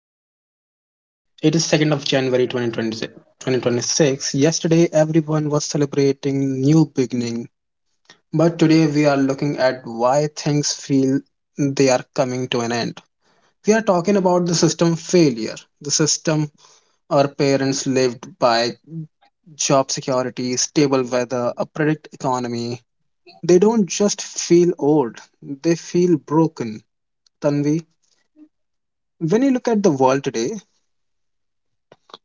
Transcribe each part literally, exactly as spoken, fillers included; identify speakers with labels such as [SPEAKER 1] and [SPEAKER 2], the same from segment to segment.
[SPEAKER 1] host Tanvi. It is second of January twenty twenty-six. Yesterday, everyone was celebrating new beginning, but today we are looking at why things feel they are coming to an end. We are talking about the system failure, the system our parents lived by job security, stable weather, a predict economy. They don't just feel old, they feel broken. Tanvi, when you look at the world today,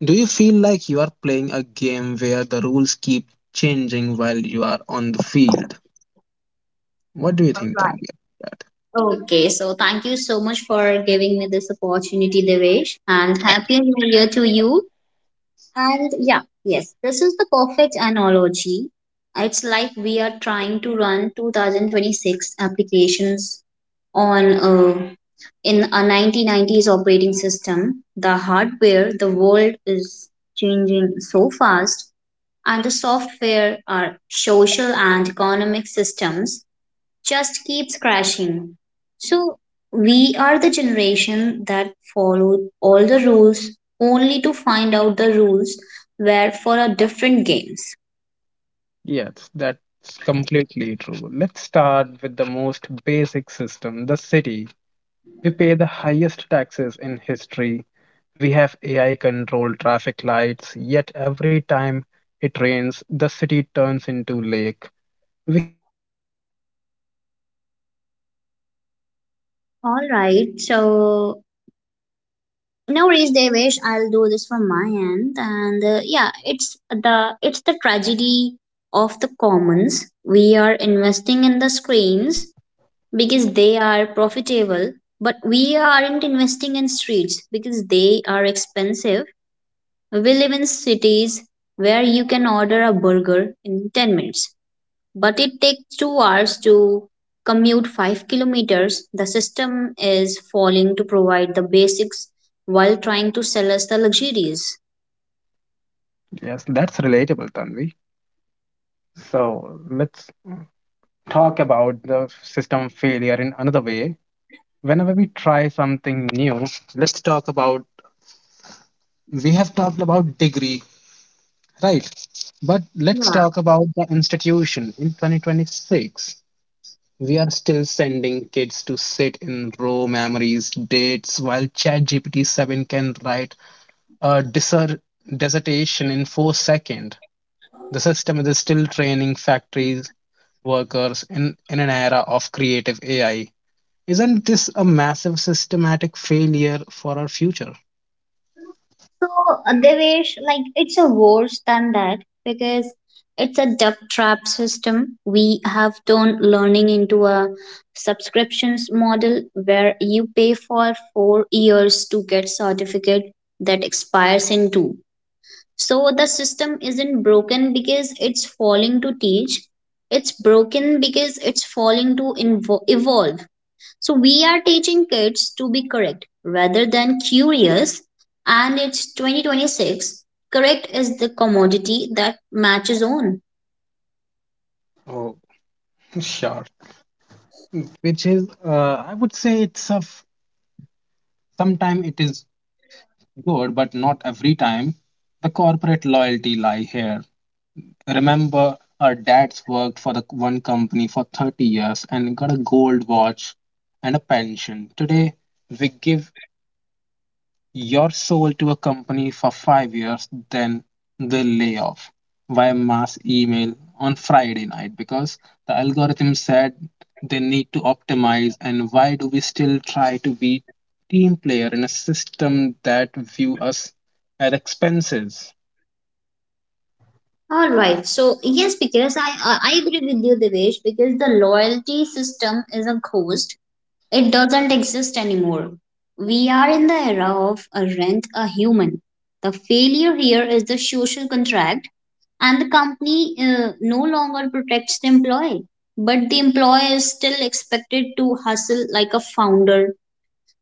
[SPEAKER 1] do you feel like you are playing a game where the rules keep changing while you are on the field? What do you
[SPEAKER 2] All
[SPEAKER 1] think,
[SPEAKER 2] right.
[SPEAKER 1] Tanvir? That
[SPEAKER 2] Okay, so thank you so much for giving me this opportunity, Devesh, and happy new year to you. And yeah, yes, this is the perfect analogy. It's like we are trying to run two thousand twenty-six applications on a, in a nineteen nineties operating system. The hardware, the world is changing so fast, and the software, our social and economic systems just keeps crashing. So we are the generation that followed all the rules only to find out the rules were for a different games.
[SPEAKER 1] yes, that's completely true. Let's start with the most basic system, the city. We pay the highest taxes in history. We have A I controlled traffic lights, yet every time it rains, the city turns into lake. We have fiber optic internet, but crumbling flyover.
[SPEAKER 2] All
[SPEAKER 1] Why does
[SPEAKER 2] right,
[SPEAKER 1] the
[SPEAKER 2] so
[SPEAKER 1] physical world feels like it's
[SPEAKER 2] no worries,
[SPEAKER 1] being
[SPEAKER 2] Devesh.
[SPEAKER 1] neglected
[SPEAKER 2] I'll
[SPEAKER 1] for
[SPEAKER 2] do this
[SPEAKER 1] digital
[SPEAKER 2] from my
[SPEAKER 1] one?
[SPEAKER 2] end, and uh, yeah, it's the it's the
[SPEAKER 1] What do you think,
[SPEAKER 2] tragedy
[SPEAKER 1] Tanvi?
[SPEAKER 2] of the commons. We are investing in the screens because they are profitable, but we aren't investing in streets because they are expensive. We live in cities where you can order a burger in ten minutes, but it takes two hours to commute five kilometers. The system is falling to provide the basics while trying to sell us the luxuries.
[SPEAKER 1] Yes, that's relatable, Tanvi. So let's talk about the system failure in another way. Whenever we try something new, let's talk about we have talked about degree, right? But let's talk
[SPEAKER 2] Yeah.
[SPEAKER 1] about the institution in twenty twenty-six. We are still sending kids to sit in raw memories, dates, while ChatGPT seven can write a desert dissertation in four seconds. The system is still training factories workers in, in an era of creative A I. Isn't this a massive systematic failure for our future?
[SPEAKER 2] So uh, Devesh, like it's a worse than that because it's a duck trap system. We have turned learning into a subscriptions model where you pay for four years to get certificate that expires in two. So the system isn't broken because it's falling to teach. It's broken because it's falling to invo- evolve. So we are teaching kids to be correct rather than curious. And it's twenty twenty-six. Correct is the commodity that matches on.
[SPEAKER 1] Oh, sure. Which is, uh, I would say, it's a f- sometime it is good, but not every time. The corporate loyalty lie here. Remember, her dad's worked for the one company for thirty years and got a gold watch and a pension. Today, we give your soul to a company for five years, then they lay off via mass email on Friday night because the algorithm said they need to optimize. And why do we still try to be team player in a system that view us as expenses?
[SPEAKER 2] All right. So yes, because I I I agree with you, Devesh. Because the loyalty system is a ghost. It doesn't exist anymore. We are in the era of a rent a human. The failure here is the social contract, and the company uh, no longer protects the employee, but the employee is still expected to hustle like a founder.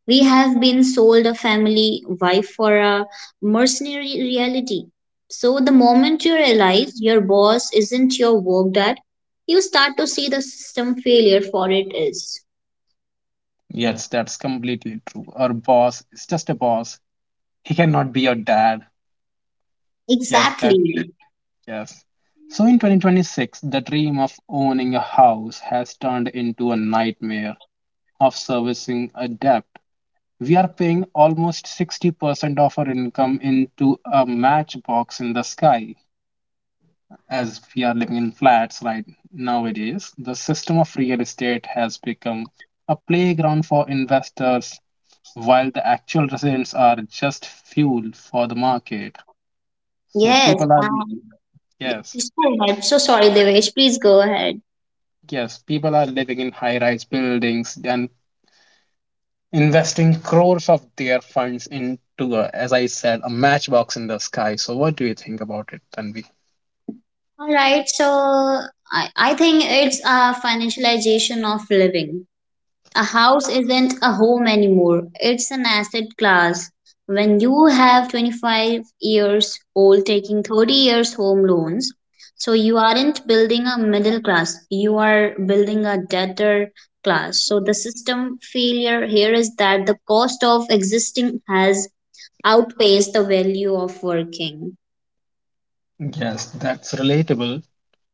[SPEAKER 2] We have been sold a family wife for a mercenary reality. So, the moment you realize your boss isn't your work dad, you start to see the system failure for it is.
[SPEAKER 1] Yes, that's completely true. Our boss is just a boss. He cannot be your dad. Yes, that,
[SPEAKER 2] Exactly.
[SPEAKER 1] yes. So in twenty twenty-six, the dream of owning a house has turned into a nightmare of servicing a debt. We are paying almost sixty percent of our income into a matchbox in the sky. As we are living in flats right nowadays, the system of real estate has become a playground for investors, while the actual residents are just fuel for the market. So
[SPEAKER 2] Yes,
[SPEAKER 1] people are,
[SPEAKER 2] and
[SPEAKER 1] yes.
[SPEAKER 2] please go ahead. So sorry, Devesh. Please go ahead.
[SPEAKER 1] Yes, people are living in high rise buildings and investing crores of their funds into, a, as I said, a matchbox in the sky. So, what do you think about it, Tanvi?
[SPEAKER 2] All right. So I, I think it's a financialization of living. A house isn't a home anymore. It's an asset class. When you have twenty-five years old taking thirty years home loans, so you aren't building a middle class. You are building a debtor class. So the system failure here is that the cost of existing has outpace the value of working.
[SPEAKER 1] Yes, that's relatable,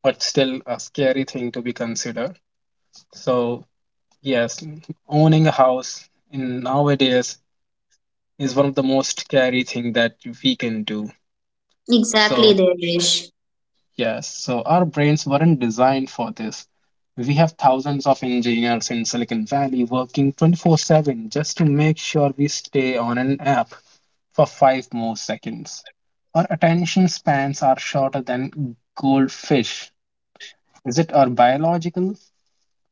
[SPEAKER 1] but still a scary thing to be considered. So, yes, owning a house in nowadays is one of the most scary thing that we can do. So,
[SPEAKER 2] Exactly, Devesh.
[SPEAKER 1] yes, so our brains weren't designed for this. We have thousands of engineers in Silicon Valley working twenty-four seven just to make sure we stay on an app for five more seconds. Our attention spans are shorter than goldfish. Is it our biological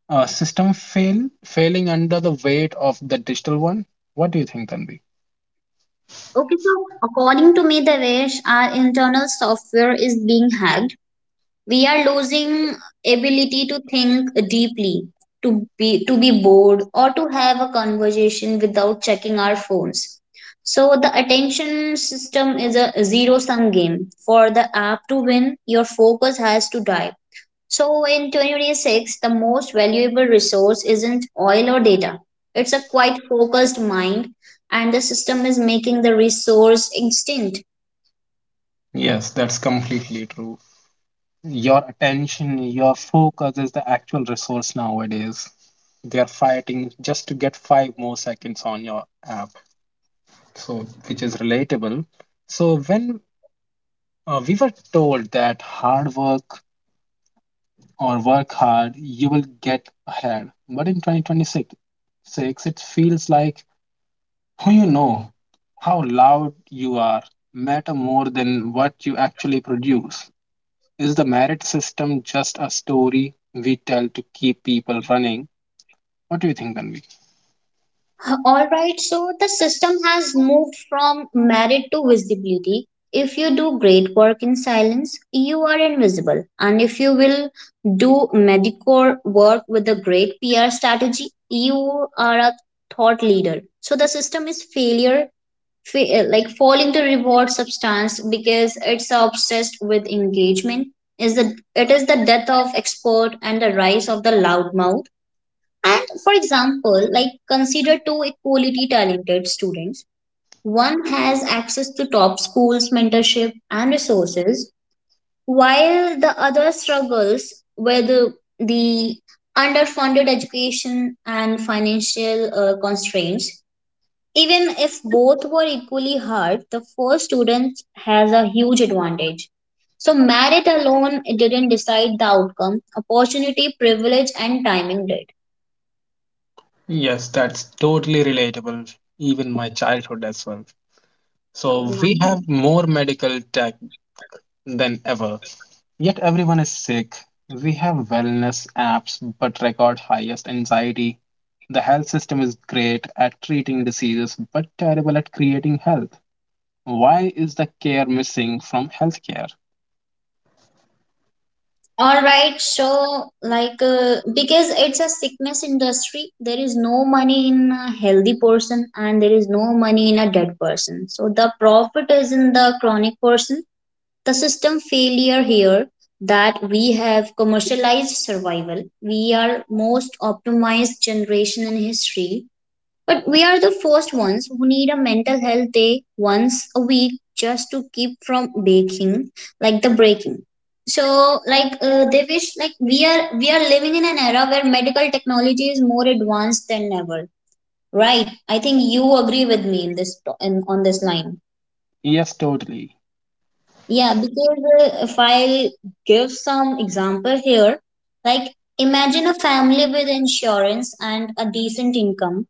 [SPEAKER 1] uh, system fail failing under the weight of the digital one? What do you think, Tanvi?
[SPEAKER 2] Okay, so according to me, Devesh, our internal software is being hacked. We are losing ability to think deeply, to be to be bored, or to have a conversation without checking our phones. So the attention system is a zero sum game. For the app to win, your focus has to die. So in twenty twenty-six, the most valuable resource isn't oil or data. It's a quite focused mind, and the system is making the resource extinct.
[SPEAKER 1] Yes, that's completely true. Your attention, your focus is the actual resource nowadays. They are fighting just to get five more seconds on your app, so which is relatable. So when uh, we were told that hard work or work hard, you will get ahead, but in twenty twenty-six, six, it feels like who you know, how loud you are, matter more than what you actually produce. Is the merit system just a story we tell to keep people running? What do you think, Tanvi?
[SPEAKER 2] All right, so the system has moved from merit to visibility. If you do great work in silence, you are invisible. And if you will do medicore work with a great P R strategy, you are a thought leader. So the system is failure Fa- uh, like falling to reward substance because it's obsessed with engagement is the it is the death of export and the rise of the loudmouth, and for example, like, consider two equality talented students. One has access to top schools mentorship and resources while the other struggles with uh, the underfunded education and financial uh, constraints. Even if both were equally hard, the first student has a huge advantage. So, merit alone didn't decide the outcome, opportunity, privilege, and timing did.
[SPEAKER 1] Yes, that's totally relatable, even my childhood as well.
[SPEAKER 2] Oh,
[SPEAKER 1] So we have
[SPEAKER 2] nice.
[SPEAKER 1] more medical tech than ever. Yet everyone is sick. We have wellness apps but record highest anxiety. The health system is great at treating diseases but terrible at creating health. Why is the care missing from healthcare?
[SPEAKER 2] All right, so like uh, because it's a sickness industry, there is no money in a healthy person and there is no money in a dead person. So the profit is in the chronic person. The system failure here that we have commercialized survival. We are most optimized generation in history, but we are the first ones who need a mental health day once a week just to keep from baking, like the breaking. So, like uh, they wish, like we are we are living in an era where medical technology is more advanced than ever, right? I think you agree with me in this in, on this line.
[SPEAKER 1] Yes, totally.
[SPEAKER 2] Yeah, because uh, if I'll give some example here, like imagine a family with insurance and a decent income.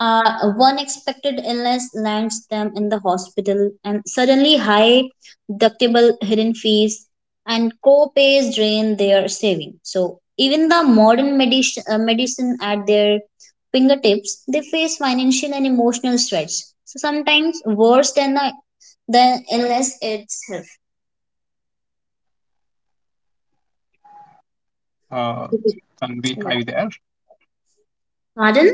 [SPEAKER 2] Uh, one expected illness lands them in the hospital, and suddenly high deductible hidden fees and co-pays drain their saving. So even the modern medicine, uh, medicine at their fingertips, they face financial and emotional stress. So sometimes worse than the, the illness itself.
[SPEAKER 1] Uh, Tanvi, are
[SPEAKER 2] Yeah.
[SPEAKER 1] you there?
[SPEAKER 2] Pardon?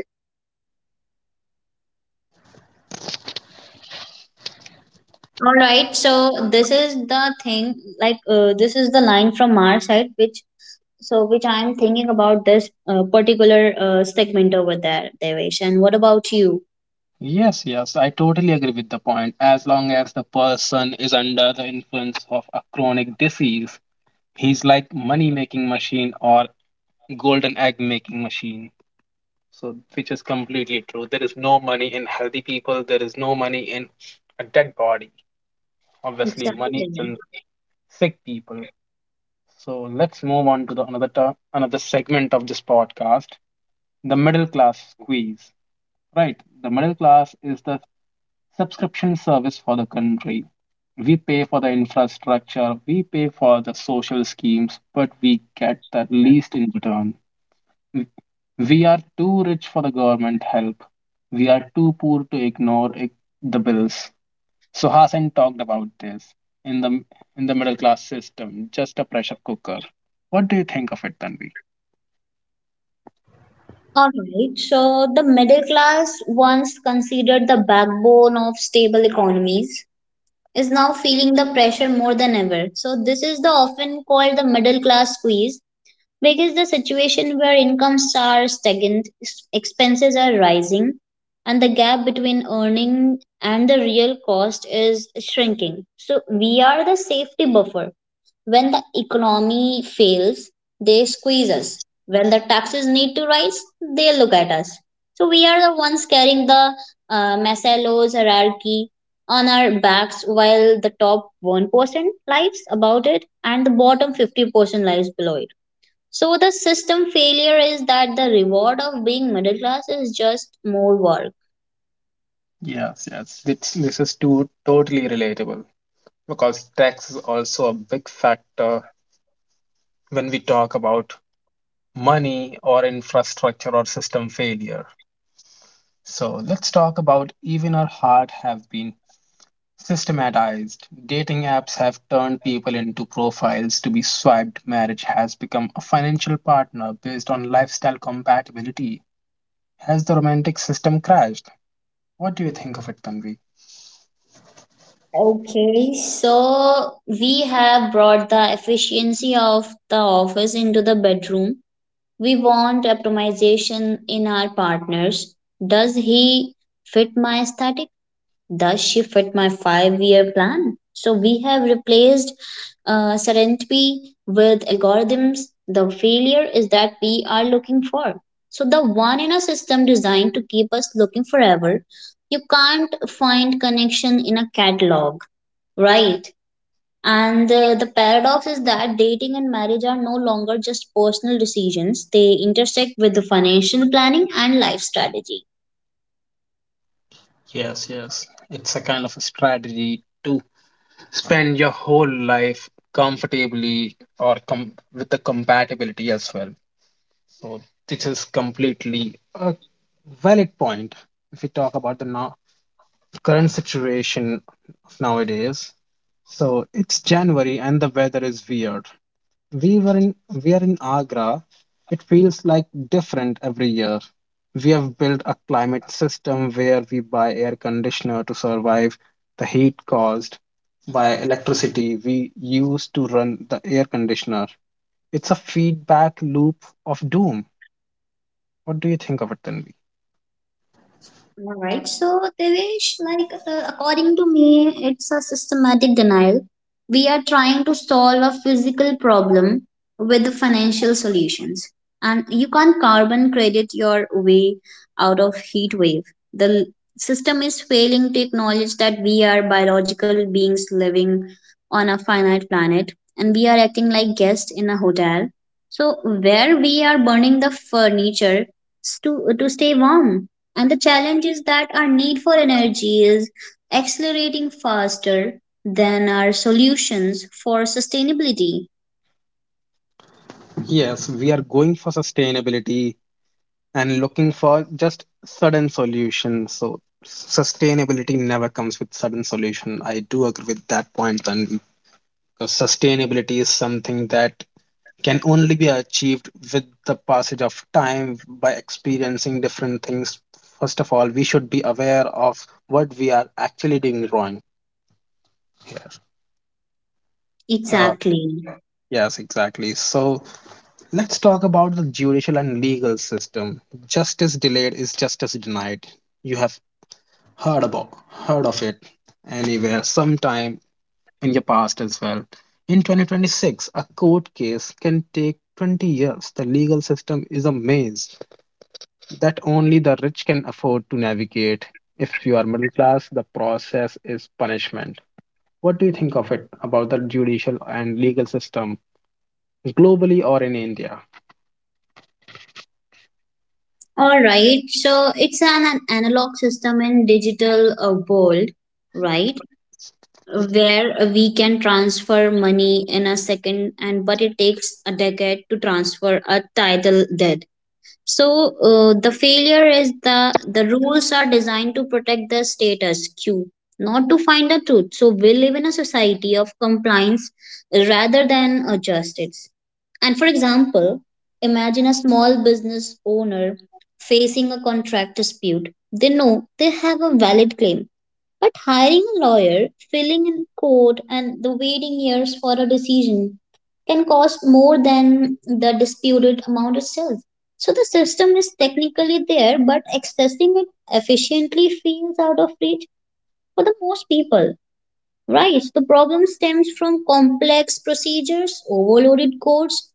[SPEAKER 2] All right. So this is the thing. Like uh, this is the line from our side, which so which I am thinking about this uh, particular uh, segment over there, Devesh. And what about you?
[SPEAKER 1] Yes, yes, I totally agree with the point. As long as the person is under the influence of a chronic disease, he's like money making machine or golden egg making machine. So, which is completely true. There is no money in healthy people. There is no money in a dead body. Obviously, money is
[SPEAKER 2] Exactly.
[SPEAKER 1] in sick people. So let's move on to the another ta- another segment of this podcast, the middle class squeeze. Right, the middle class is the subscription service for the country. We pay for the infrastructure, we pay for the social schemes, but we get the least in return. We are too rich for the government help. We are too poor to ignore the bills. So Hasan talked about this in the in the middle class system, just a pressure cooker. What do you think of it, Tanvi?
[SPEAKER 2] All right. So the middle class, once considered the backbone of stable economies, is now feeling the pressure more than ever. So this is the often called the middle class squeeze because the situation where incomes are stagnant, ex- expenses are rising, and the gap between earning and the real cost is shrinking. So we are the safety buffer. When the economy fails, they squeeze us. When the taxes need to rise, they look at us. So we are the ones carrying the uh, Maslow's hierarchy on our backs while the top one percent lives about it and the bottom fifty percent lives below it. So the system failure is that the reward of being middle class is just more work.
[SPEAKER 1] Yes, yes. This, this is too totally relatable because tax is also a big factor when we talk about money or infrastructure or system failure. So let's talk about even our heart have been systematized. Dating apps have turned people into profiles to be swiped. Marriage has become a financial partner based on lifestyle compatibility. Has the romantic system crashed? What do you think of it, Tanvi?
[SPEAKER 2] Okay, so we have brought the efficiency of the office into the bedroom. We want optimization in our partners. Does he fit my aesthetic? Does she fit my five year plan? So we have replaced uh, certainty with algorithms. The failure is that we are looking for. So the one in a system designed to keep us looking forever. You can't find connection in a catalog, right? And uh, the paradox is that dating and marriage are no longer just personal decisions. They intersect with the financial planning and life strategy.
[SPEAKER 1] Yes, yes. It's a kind of a strategy to spend your whole life comfortably or com- with the compatibility as well. So this is completely a valid point if we talk about the now current situation of nowadays. So it's January and the weather is weird. We were in we are in Agra. It feels like different every year. We have built a climate system where we buy air conditioner to survive the heat caused by electricity we use to run the air conditioner. It's a feedback loop of doom. What do you think of it, Tanvi?
[SPEAKER 2] Alright, so, Devesh, like uh, according to me, it's a systematic denial. We are trying to solve a physical problem with financial solutions, and you can't carbon credit your way out of heat wave. The l- system is failing to acknowledge that we are biological beings living on a finite planet, and we are acting like guests in a hotel. So, where we are burning the furniture to to stay warm, and the challenge is that our need for energy is accelerating faster than our solutions for sustainability.
[SPEAKER 1] Yes, we are going for sustainability and looking for just sudden solutions. So sustainability never comes with sudden solution. I do agree with that point, Tanvi. Because sustainability is something that can only be achieved with the passage of time by experiencing different things. First of all, we should be aware of what we are actually doing wrong here. Uh,
[SPEAKER 2] Exactly.
[SPEAKER 1] yes, exactly. So let's talk about the judicial and legal system. Justice delayed is justice denied. You have heard about heard of it anywhere sometime in your past as well. In twenty twenty-six, a court case can take twenty years. The legal system is a maze that only the rich can afford to navigate. If you are middle class, the process is punishment. What do you think of it about the judicial and legal system globally or in India?
[SPEAKER 2] All right. So it's an, an analog system in digital uh, world, right? Where we can transfer money in a second, and but it takes a decade to transfer a title debt. So uh, the failure is the the rules are designed to protect the status quo, not to find the truth. So we live in a society of compliance rather than uh, justice. And for example, imagine a small business owner facing a contract dispute. They know they have a valid claim, but hiring a lawyer, filling in court, and the waiting years for a decision can cost more than the disputed amount itself. So the system is technically there, but accessing it efficiently feels out of reach for the most people, right? So, the problem stems from complex procedures, overloaded courts,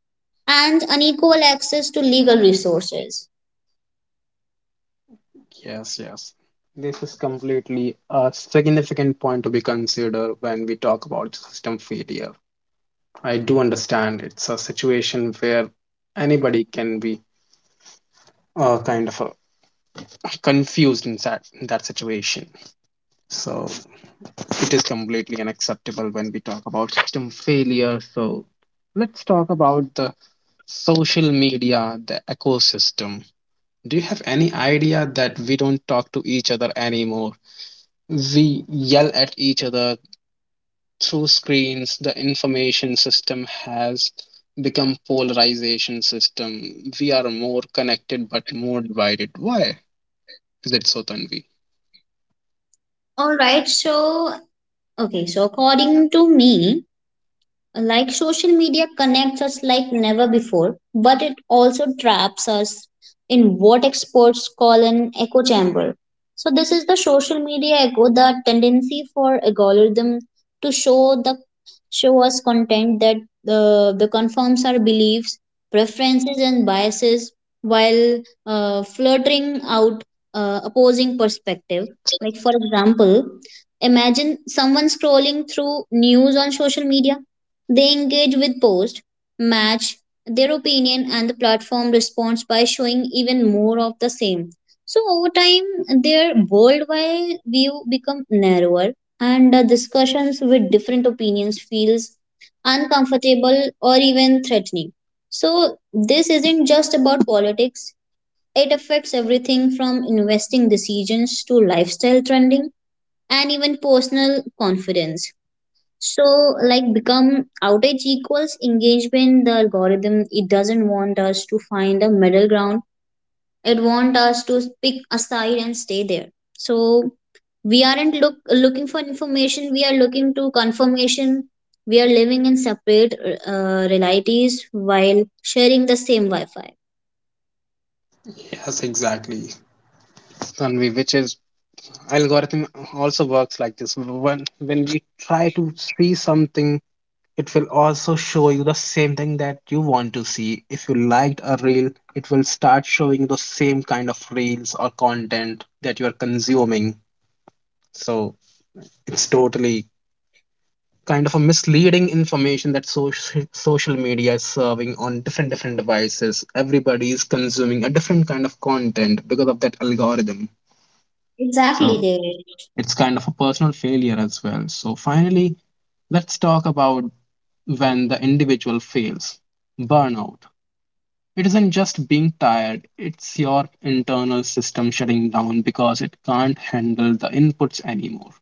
[SPEAKER 2] and unequal access to legal resources.
[SPEAKER 1] Yes, yes. This is completely a significant point to be considered when we talk about system failure. I do understand it's a situation where anybody can be uh, kind of uh, confused in that, in that situation. So it is completely unacceptable when we talk about system failure. So let's talk about the social media, the ecosystem. Do you have any idea that we don't talk to each other anymore? We yell at each other through screens. The information system has become polarization system. We are more connected but more divided. Why is it so, Tanvi?
[SPEAKER 2] All right, so okay, so according to me, like social media connects us like never before, but it also traps us in what experts call an echo chamber. So, this is the social media echo, the tendency for algorithm to show the show us content that the the confirms our beliefs, preferences, and biases while uh, flirting out uh, opposing perspective. Like for example, imagine someone scrolling through news on social media. They engage with posts, match their opinion, and the platform responds by showing even more of the same. So over time, their worldwide view become narrower, and the discussions with different opinions feels uncomfortable or even threatening. So this isn't just about politics. It affects everything from investing decisions to lifestyle trending and even personal confidence. So, like, become outage equals engagement. The algorithm it doesn't want us to find a middle ground. It want us to pick a side and stay there. So we aren't look looking for information. We are looking to confirmation. We are living in separate uh, realities while sharing the same Wi-Fi.
[SPEAKER 1] Yes, exactly. Tanvi, which is algorithm also works like this when when we try to see something, it will also show you the same thing that you want to see. If you liked a reel, it will start showing the same kind of reels or content that you are consuming. So it's totally kind of a misleading information that social social media is serving on different different devices. Everybody is consuming a different kind of content because of that algorithm. So
[SPEAKER 2] Exactly, David.
[SPEAKER 1] it's kind of a personal failure as well. So, finally, let's talk about when the individual fails burnout. It isn't just being tired, it's your internal system shutting down because it can't handle the inputs anymore.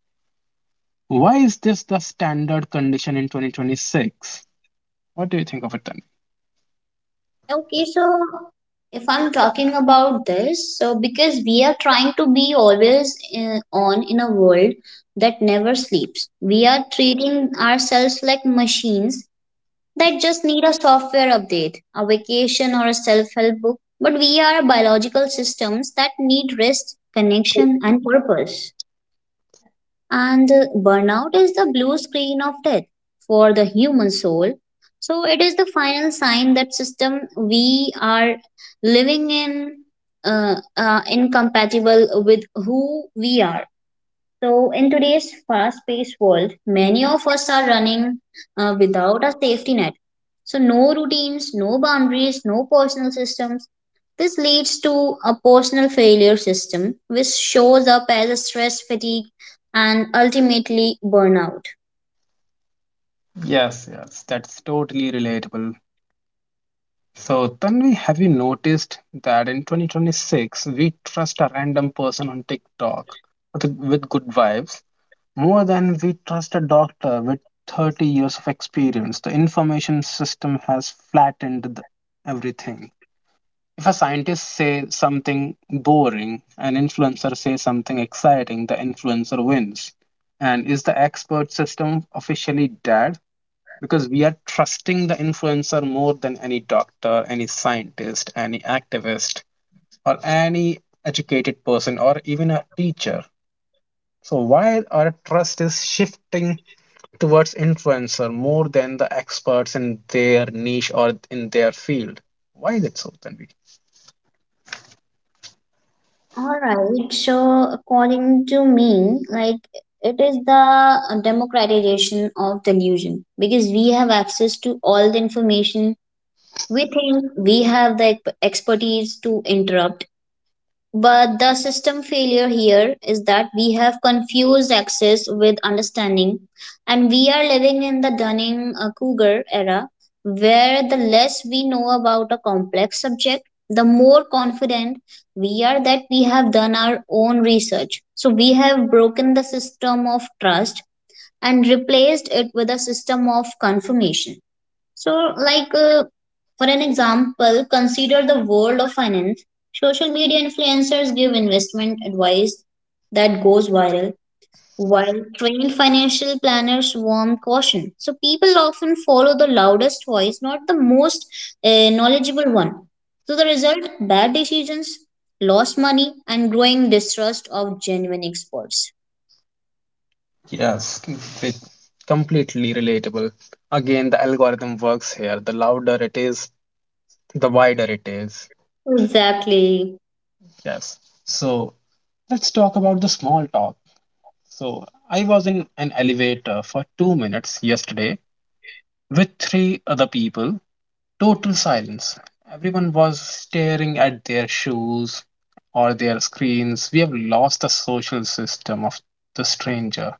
[SPEAKER 1] Why is this the standard condition in twenty twenty-six? What do you think of it, then?
[SPEAKER 2] Okay, so if I'm talking about this, so because we are trying to be always in, on in a world that never sleeps, we are treating ourselves like machines that just need a software update, a vacation, or a self help book. But we are biological systems that need rest, connection, and purpose. And uh, burnout is the blue screen of death for the human soul. So it is the final sign that system we are living in uh, uh, incompatible with who we are. So, in today's fast paced world, many of us are running uh, without a safety net. So, no routines, no boundaries, no personal systems. This leads to a personal failure system, which shows up as a stress fatigue and ultimately burnout.
[SPEAKER 1] Yes, yes, that's totally relatable. So, Tanvi, have you noticed that in twenty twenty-six we trust a random person on TikTok with, with good vibes more than we trust a doctor with thirty years of experience? The information system has flattened the, everything. If a scientist says something boring, an influencer says something exciting, the influencer wins. And is the expert system officially dead? Because we are trusting the influencer more than any doctor, any scientist, any activist, or any educated person, or even a teacher. So, why our trust is shifting towards influencer more than the experts in their niche or in their field? Why is it so, Tanvi?
[SPEAKER 2] All right, so according to me, like it is the democratization of delusion because we have access to all the information. We think we have the ec- expertise to interrupt, but the system failure here is that we have confused access with understanding, and we are living in the Dunning uh, Kruger era where the less we know about a complex subject, the more confident we are that we have done our own research. So we have broken the system of trust and replaced it with a system of confirmation. So, like uh, for an example, consider the world of finance. Social media influencers give investment advice that goes viral, while trained financial planners warn caution. So, people often follow the loudest voice, not the most uh, knowledgeable one. So, the result bad decisions, lost money, and growing distrust of genuine experts.
[SPEAKER 1] Yes, it's completely relatable. Again, the algorithm works here. The louder it is, the wider it is.
[SPEAKER 2] Exactly.
[SPEAKER 1] Yes. So, let's talk about the small talk. So I was in an elevator for two minutes yesterday with three other people. Total silence. Everyone was staring at their shoes or their screens. We have lost the social system of the stranger.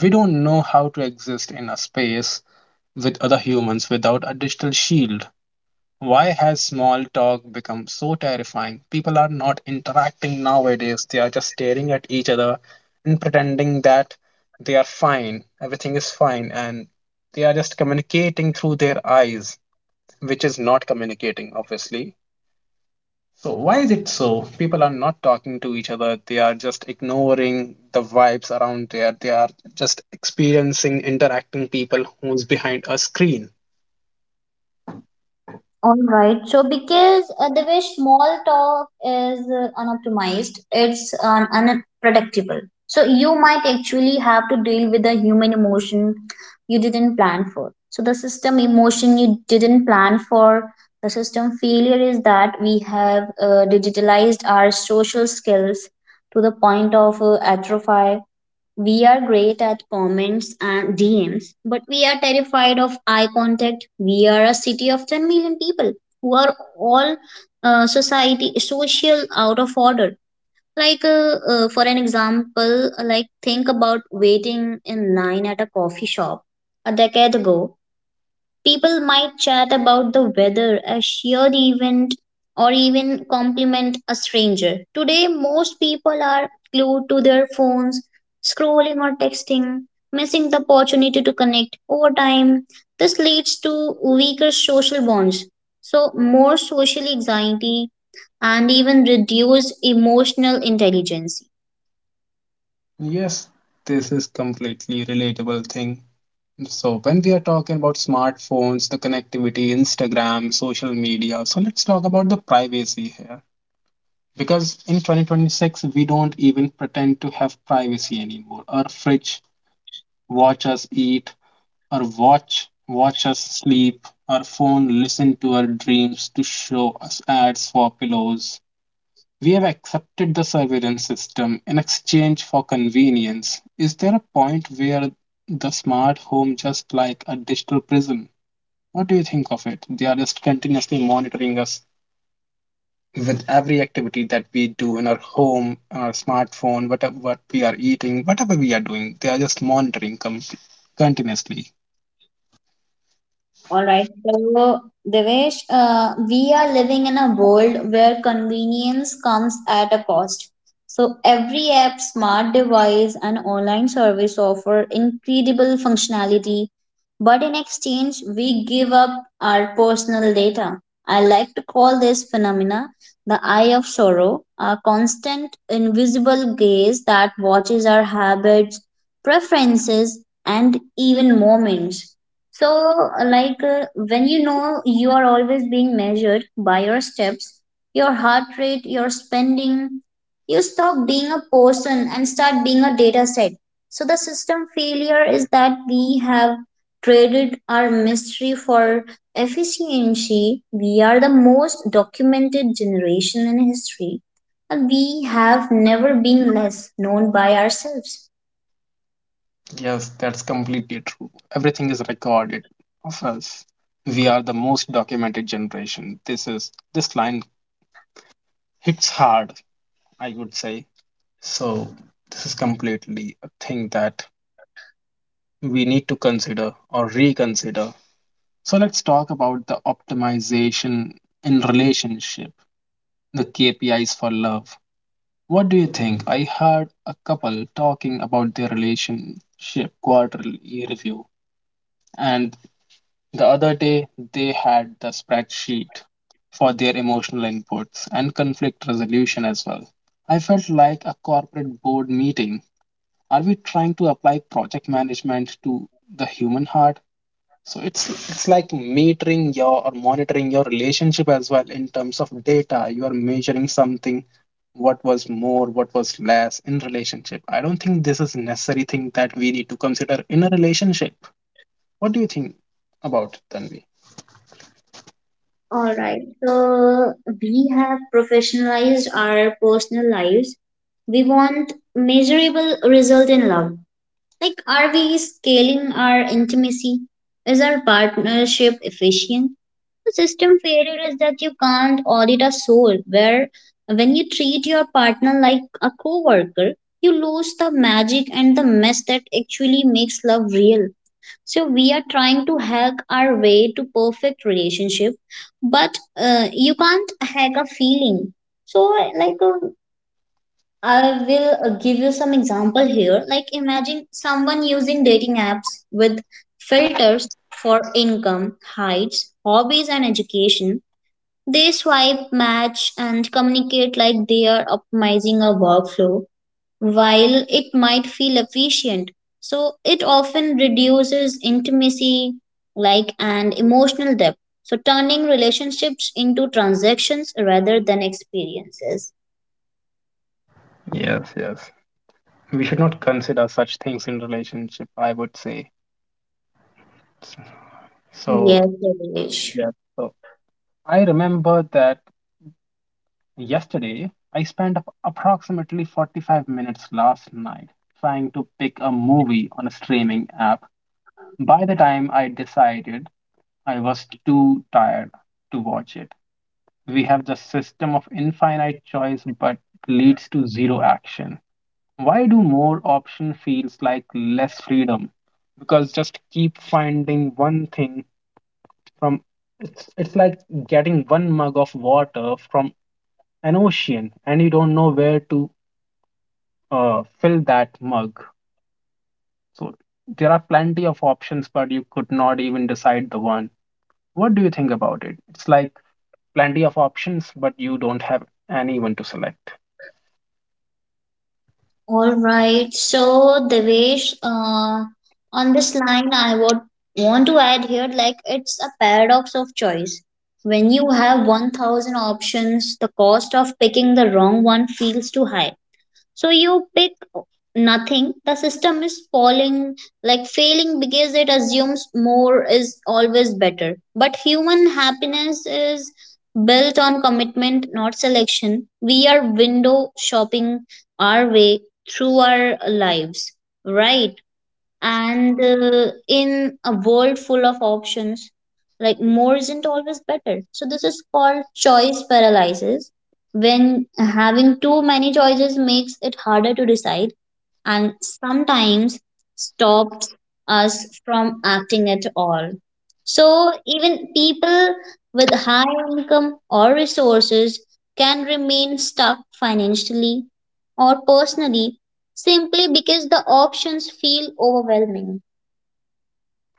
[SPEAKER 1] We don't know how to exist in a space with other humans without a digital shield. Why has small talk become so terrifying? People are not interacting nowadays. They are just staring at each other and pretending that they are fine, everything is fine, and they are just communicating through their eyes, which is not communicating, obviously. So, why is it so? People are not talking to each other. They are just ignoring the vibes around there. They are just experiencing, interacting people who's behind a screen.
[SPEAKER 2] All right. So, because uh, the way small talk is uh, unoptimized, it's um, unpredictable. So, you might actually have to deal with a human emotion you didn't plan for. So, the system emotion you didn't plan for, the system failure is that we have uh, digitalized our social skills to the point of uh, atrophy. We are great at comments and D Ms, but we are terrified of eye contact. We are a city of ten million people who are all uh, society social out of order. Like, uh, uh, for an example, like think about waiting in line at a coffee shop a decade ago. People might chat about the weather, a shared event, or even compliment a stranger. Today, most people are glued to their phones, scrolling or texting, missing the opportunity to connect. Over time, this leads to weaker social bonds, so more social anxiety, and even reduced emotional intelligence.
[SPEAKER 1] Yes, this is completely relatable thing. So when we are talking about smartphones, the connectivity, Instagram, social media, so let's talk about the privacy here. Because in twenty twenty-six, we don't even pretend to have privacy anymore. Our fridge watch us eat, or watch watch us sleep, our phone listen to our dreams to show us ads for pillows. We have accepted the surveillance system in exchange for convenience. Is there a point where the smart home just like a digital prison? What do you think of it? They are just continuously monitoring us with every activity that we do in our home, on our smartphone, whatever what we are eating, whatever we are doing. They are just monitoring com- continuously.
[SPEAKER 2] All right. So, Devesh, uh, we are living in a world where convenience comes at a cost. So, every app, smart device, and online service offer incredible functionality, but in exchange, we give up our personal data. I like to call this phenomena the eye of sorrow, a constant invisible gaze that watches our habits, preferences, and even moments. So, like uh, when you know you are always being measured by your steps, your heart rate, your spending, you stop being a person and start being a data set. So the system failure is that we have traded our mystery for efficiency. We are the most documented generation in history, and we have never been less known by ourselves.
[SPEAKER 1] Yes, that's completely true. Everything is recorded of us. We are the most documented generation. This is this line hits hard, I would say. So this is completely a thing that we need to consider or reconsider. So let's talk about the optimization in relationship, the K P Is for love. What do you think? I heard a couple talking about their relationship quarterly review and the other day, they had the spreadsheet for their emotional inputs and conflict resolution as well. I felt like a corporate board meeting. Are we trying to apply project management to the human heart? So it's it's like metering your or monitoring your relationship as well in terms of data. You are measuring something, what was more, what was less in relationship. I don't think this is necessary thing that we need to consider in a relationship. What do you think about it, Tanvi?
[SPEAKER 2] All right, so we have professionalized our personal lives. We want measurable result in love. Like, are we scaling our intimacy? Is our partnership efficient? The system failure is that you can't audit a soul, where when you treat your partner like a coworker, you lose the magic and the mess that actually makes love real. So, we are trying to hack our way to perfect relationship, but uh, you can't hack a feeling. So, like, uh, I will uh, give you some example here. Like imagine someone using dating apps with filters for income, heights, hobbies and education. They swipe, match and communicate like they are optimizing a workflow while it might feel efficient. So it often reduces intimacy like and emotional depth. So turning relationships into transactions rather than experiences.
[SPEAKER 1] Yes, yes. We should not consider such things in relationship, I would say. So,
[SPEAKER 2] Yes, Devesh.
[SPEAKER 1] yeah. So I remember that yesterday I spent ap- approximately forty-five minutes last night trying to pick a movie on a streaming app. By the time I decided, I was too tired to watch it. We have the system of infinite choice but leads to zero action. Why do more option feels like less freedom? Because just keep finding one thing from it's it's like getting one mug of water from an ocean and you don't know where to uh, fill that mug. So there are plenty of options, but you could not even decide the one. What do you think about it? It's like plenty of options, but you don't have anyone to select.
[SPEAKER 2] All right. So, Devesh, uh, on this line, I would want to add here like it's a paradox of choice. When you have one thousand options, the cost of picking the wrong one feels too high. So you pick nothing. The system is falling, like failing because it assumes more is always better. But human happiness is built on commitment, not selection. We are window shopping our way through our lives, right? And uh, in a world full of options like more isn't always better, so this is called choice paralysis when having too many choices makes it harder to decide and sometimes stops us from acting at all. So, even people with high income or resources can remain stuck financially or personally simply because the options feel overwhelming.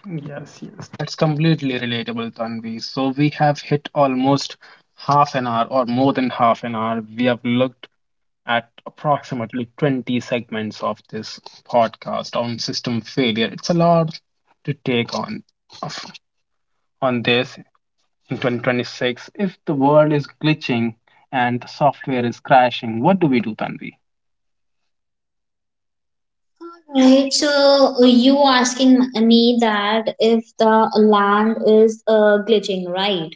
[SPEAKER 1] Yes, yes, that's completely relatable, Tanvi. So we have hit almost half an hour or more than half an hour. We have looked at approximately twenty segments of this podcast on system failure. It's a lot to take on of- on this in twenty twenty-six. If the world is glitching and the software is crashing, what do we do, Tanvi?
[SPEAKER 2] Right, so uh, you asking me that if the land is uh, glitching, right?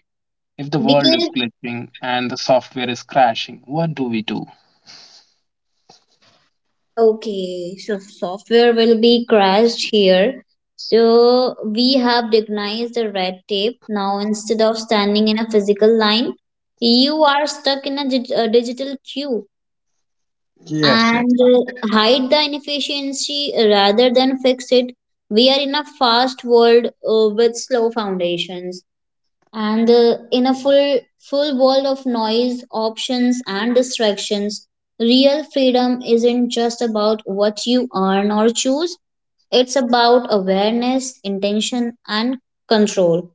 [SPEAKER 1] If the world
[SPEAKER 2] Because
[SPEAKER 1] is glitching and the software is crashing, what do we do?
[SPEAKER 2] okay, so software will be crashed here. So we have recognized the red tape. Now, instead of standing in a physical line, you are stuck in a, dig- a digital queue,
[SPEAKER 1] Yes, yes.
[SPEAKER 2] and uh, hide the inefficiency rather than fix it. We are in a fast world uh, with slow foundations, and uh, in a full full world of noise options and distractions, real freedom isn't just about what you earn or choose. It's about awareness, intention and control.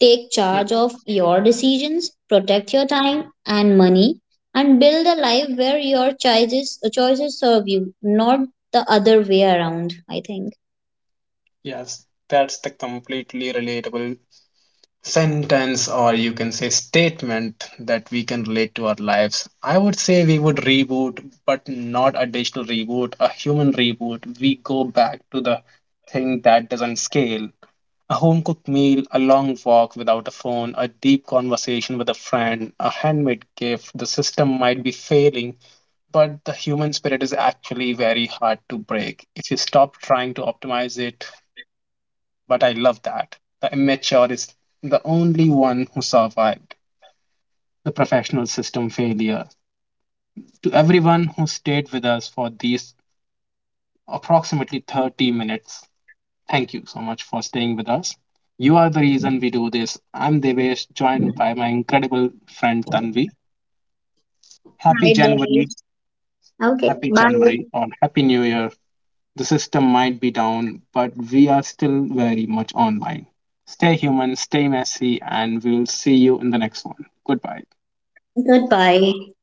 [SPEAKER 2] Take charge of your decisions, protect your time and money, and build a life where your choices choices serve you, not the other way around. I think
[SPEAKER 1] Yes, that's the completely relatable sentence, or you can say statement that we can relate to our lives. I would say we would reboot, but not a digital reboot, a human reboot. We go back to the thing that doesn't scale. A home cooked meal, a long walk without a phone, a deep conversation with a friend, a handmade gift. The system might be failing, but the human spirit is actually very hard to break. If you stop trying to optimize it, but I love that. The immature is the only one who survived the professional system failure. To everyone who stayed with us for these approximately thirty minutes, thank you so much for staying with us. You are the reason we do this. I'm Devesh, joined by my incredible friend Tanvi. Happy
[SPEAKER 2] right,
[SPEAKER 1] January,
[SPEAKER 2] right. Okay,
[SPEAKER 1] happy
[SPEAKER 2] bye.
[SPEAKER 1] January, or happy New Year. The system might be down, but we are still very much online. Stay human, stay messy, and we'll see you in the next one. Goodbye.
[SPEAKER 2] Goodbye.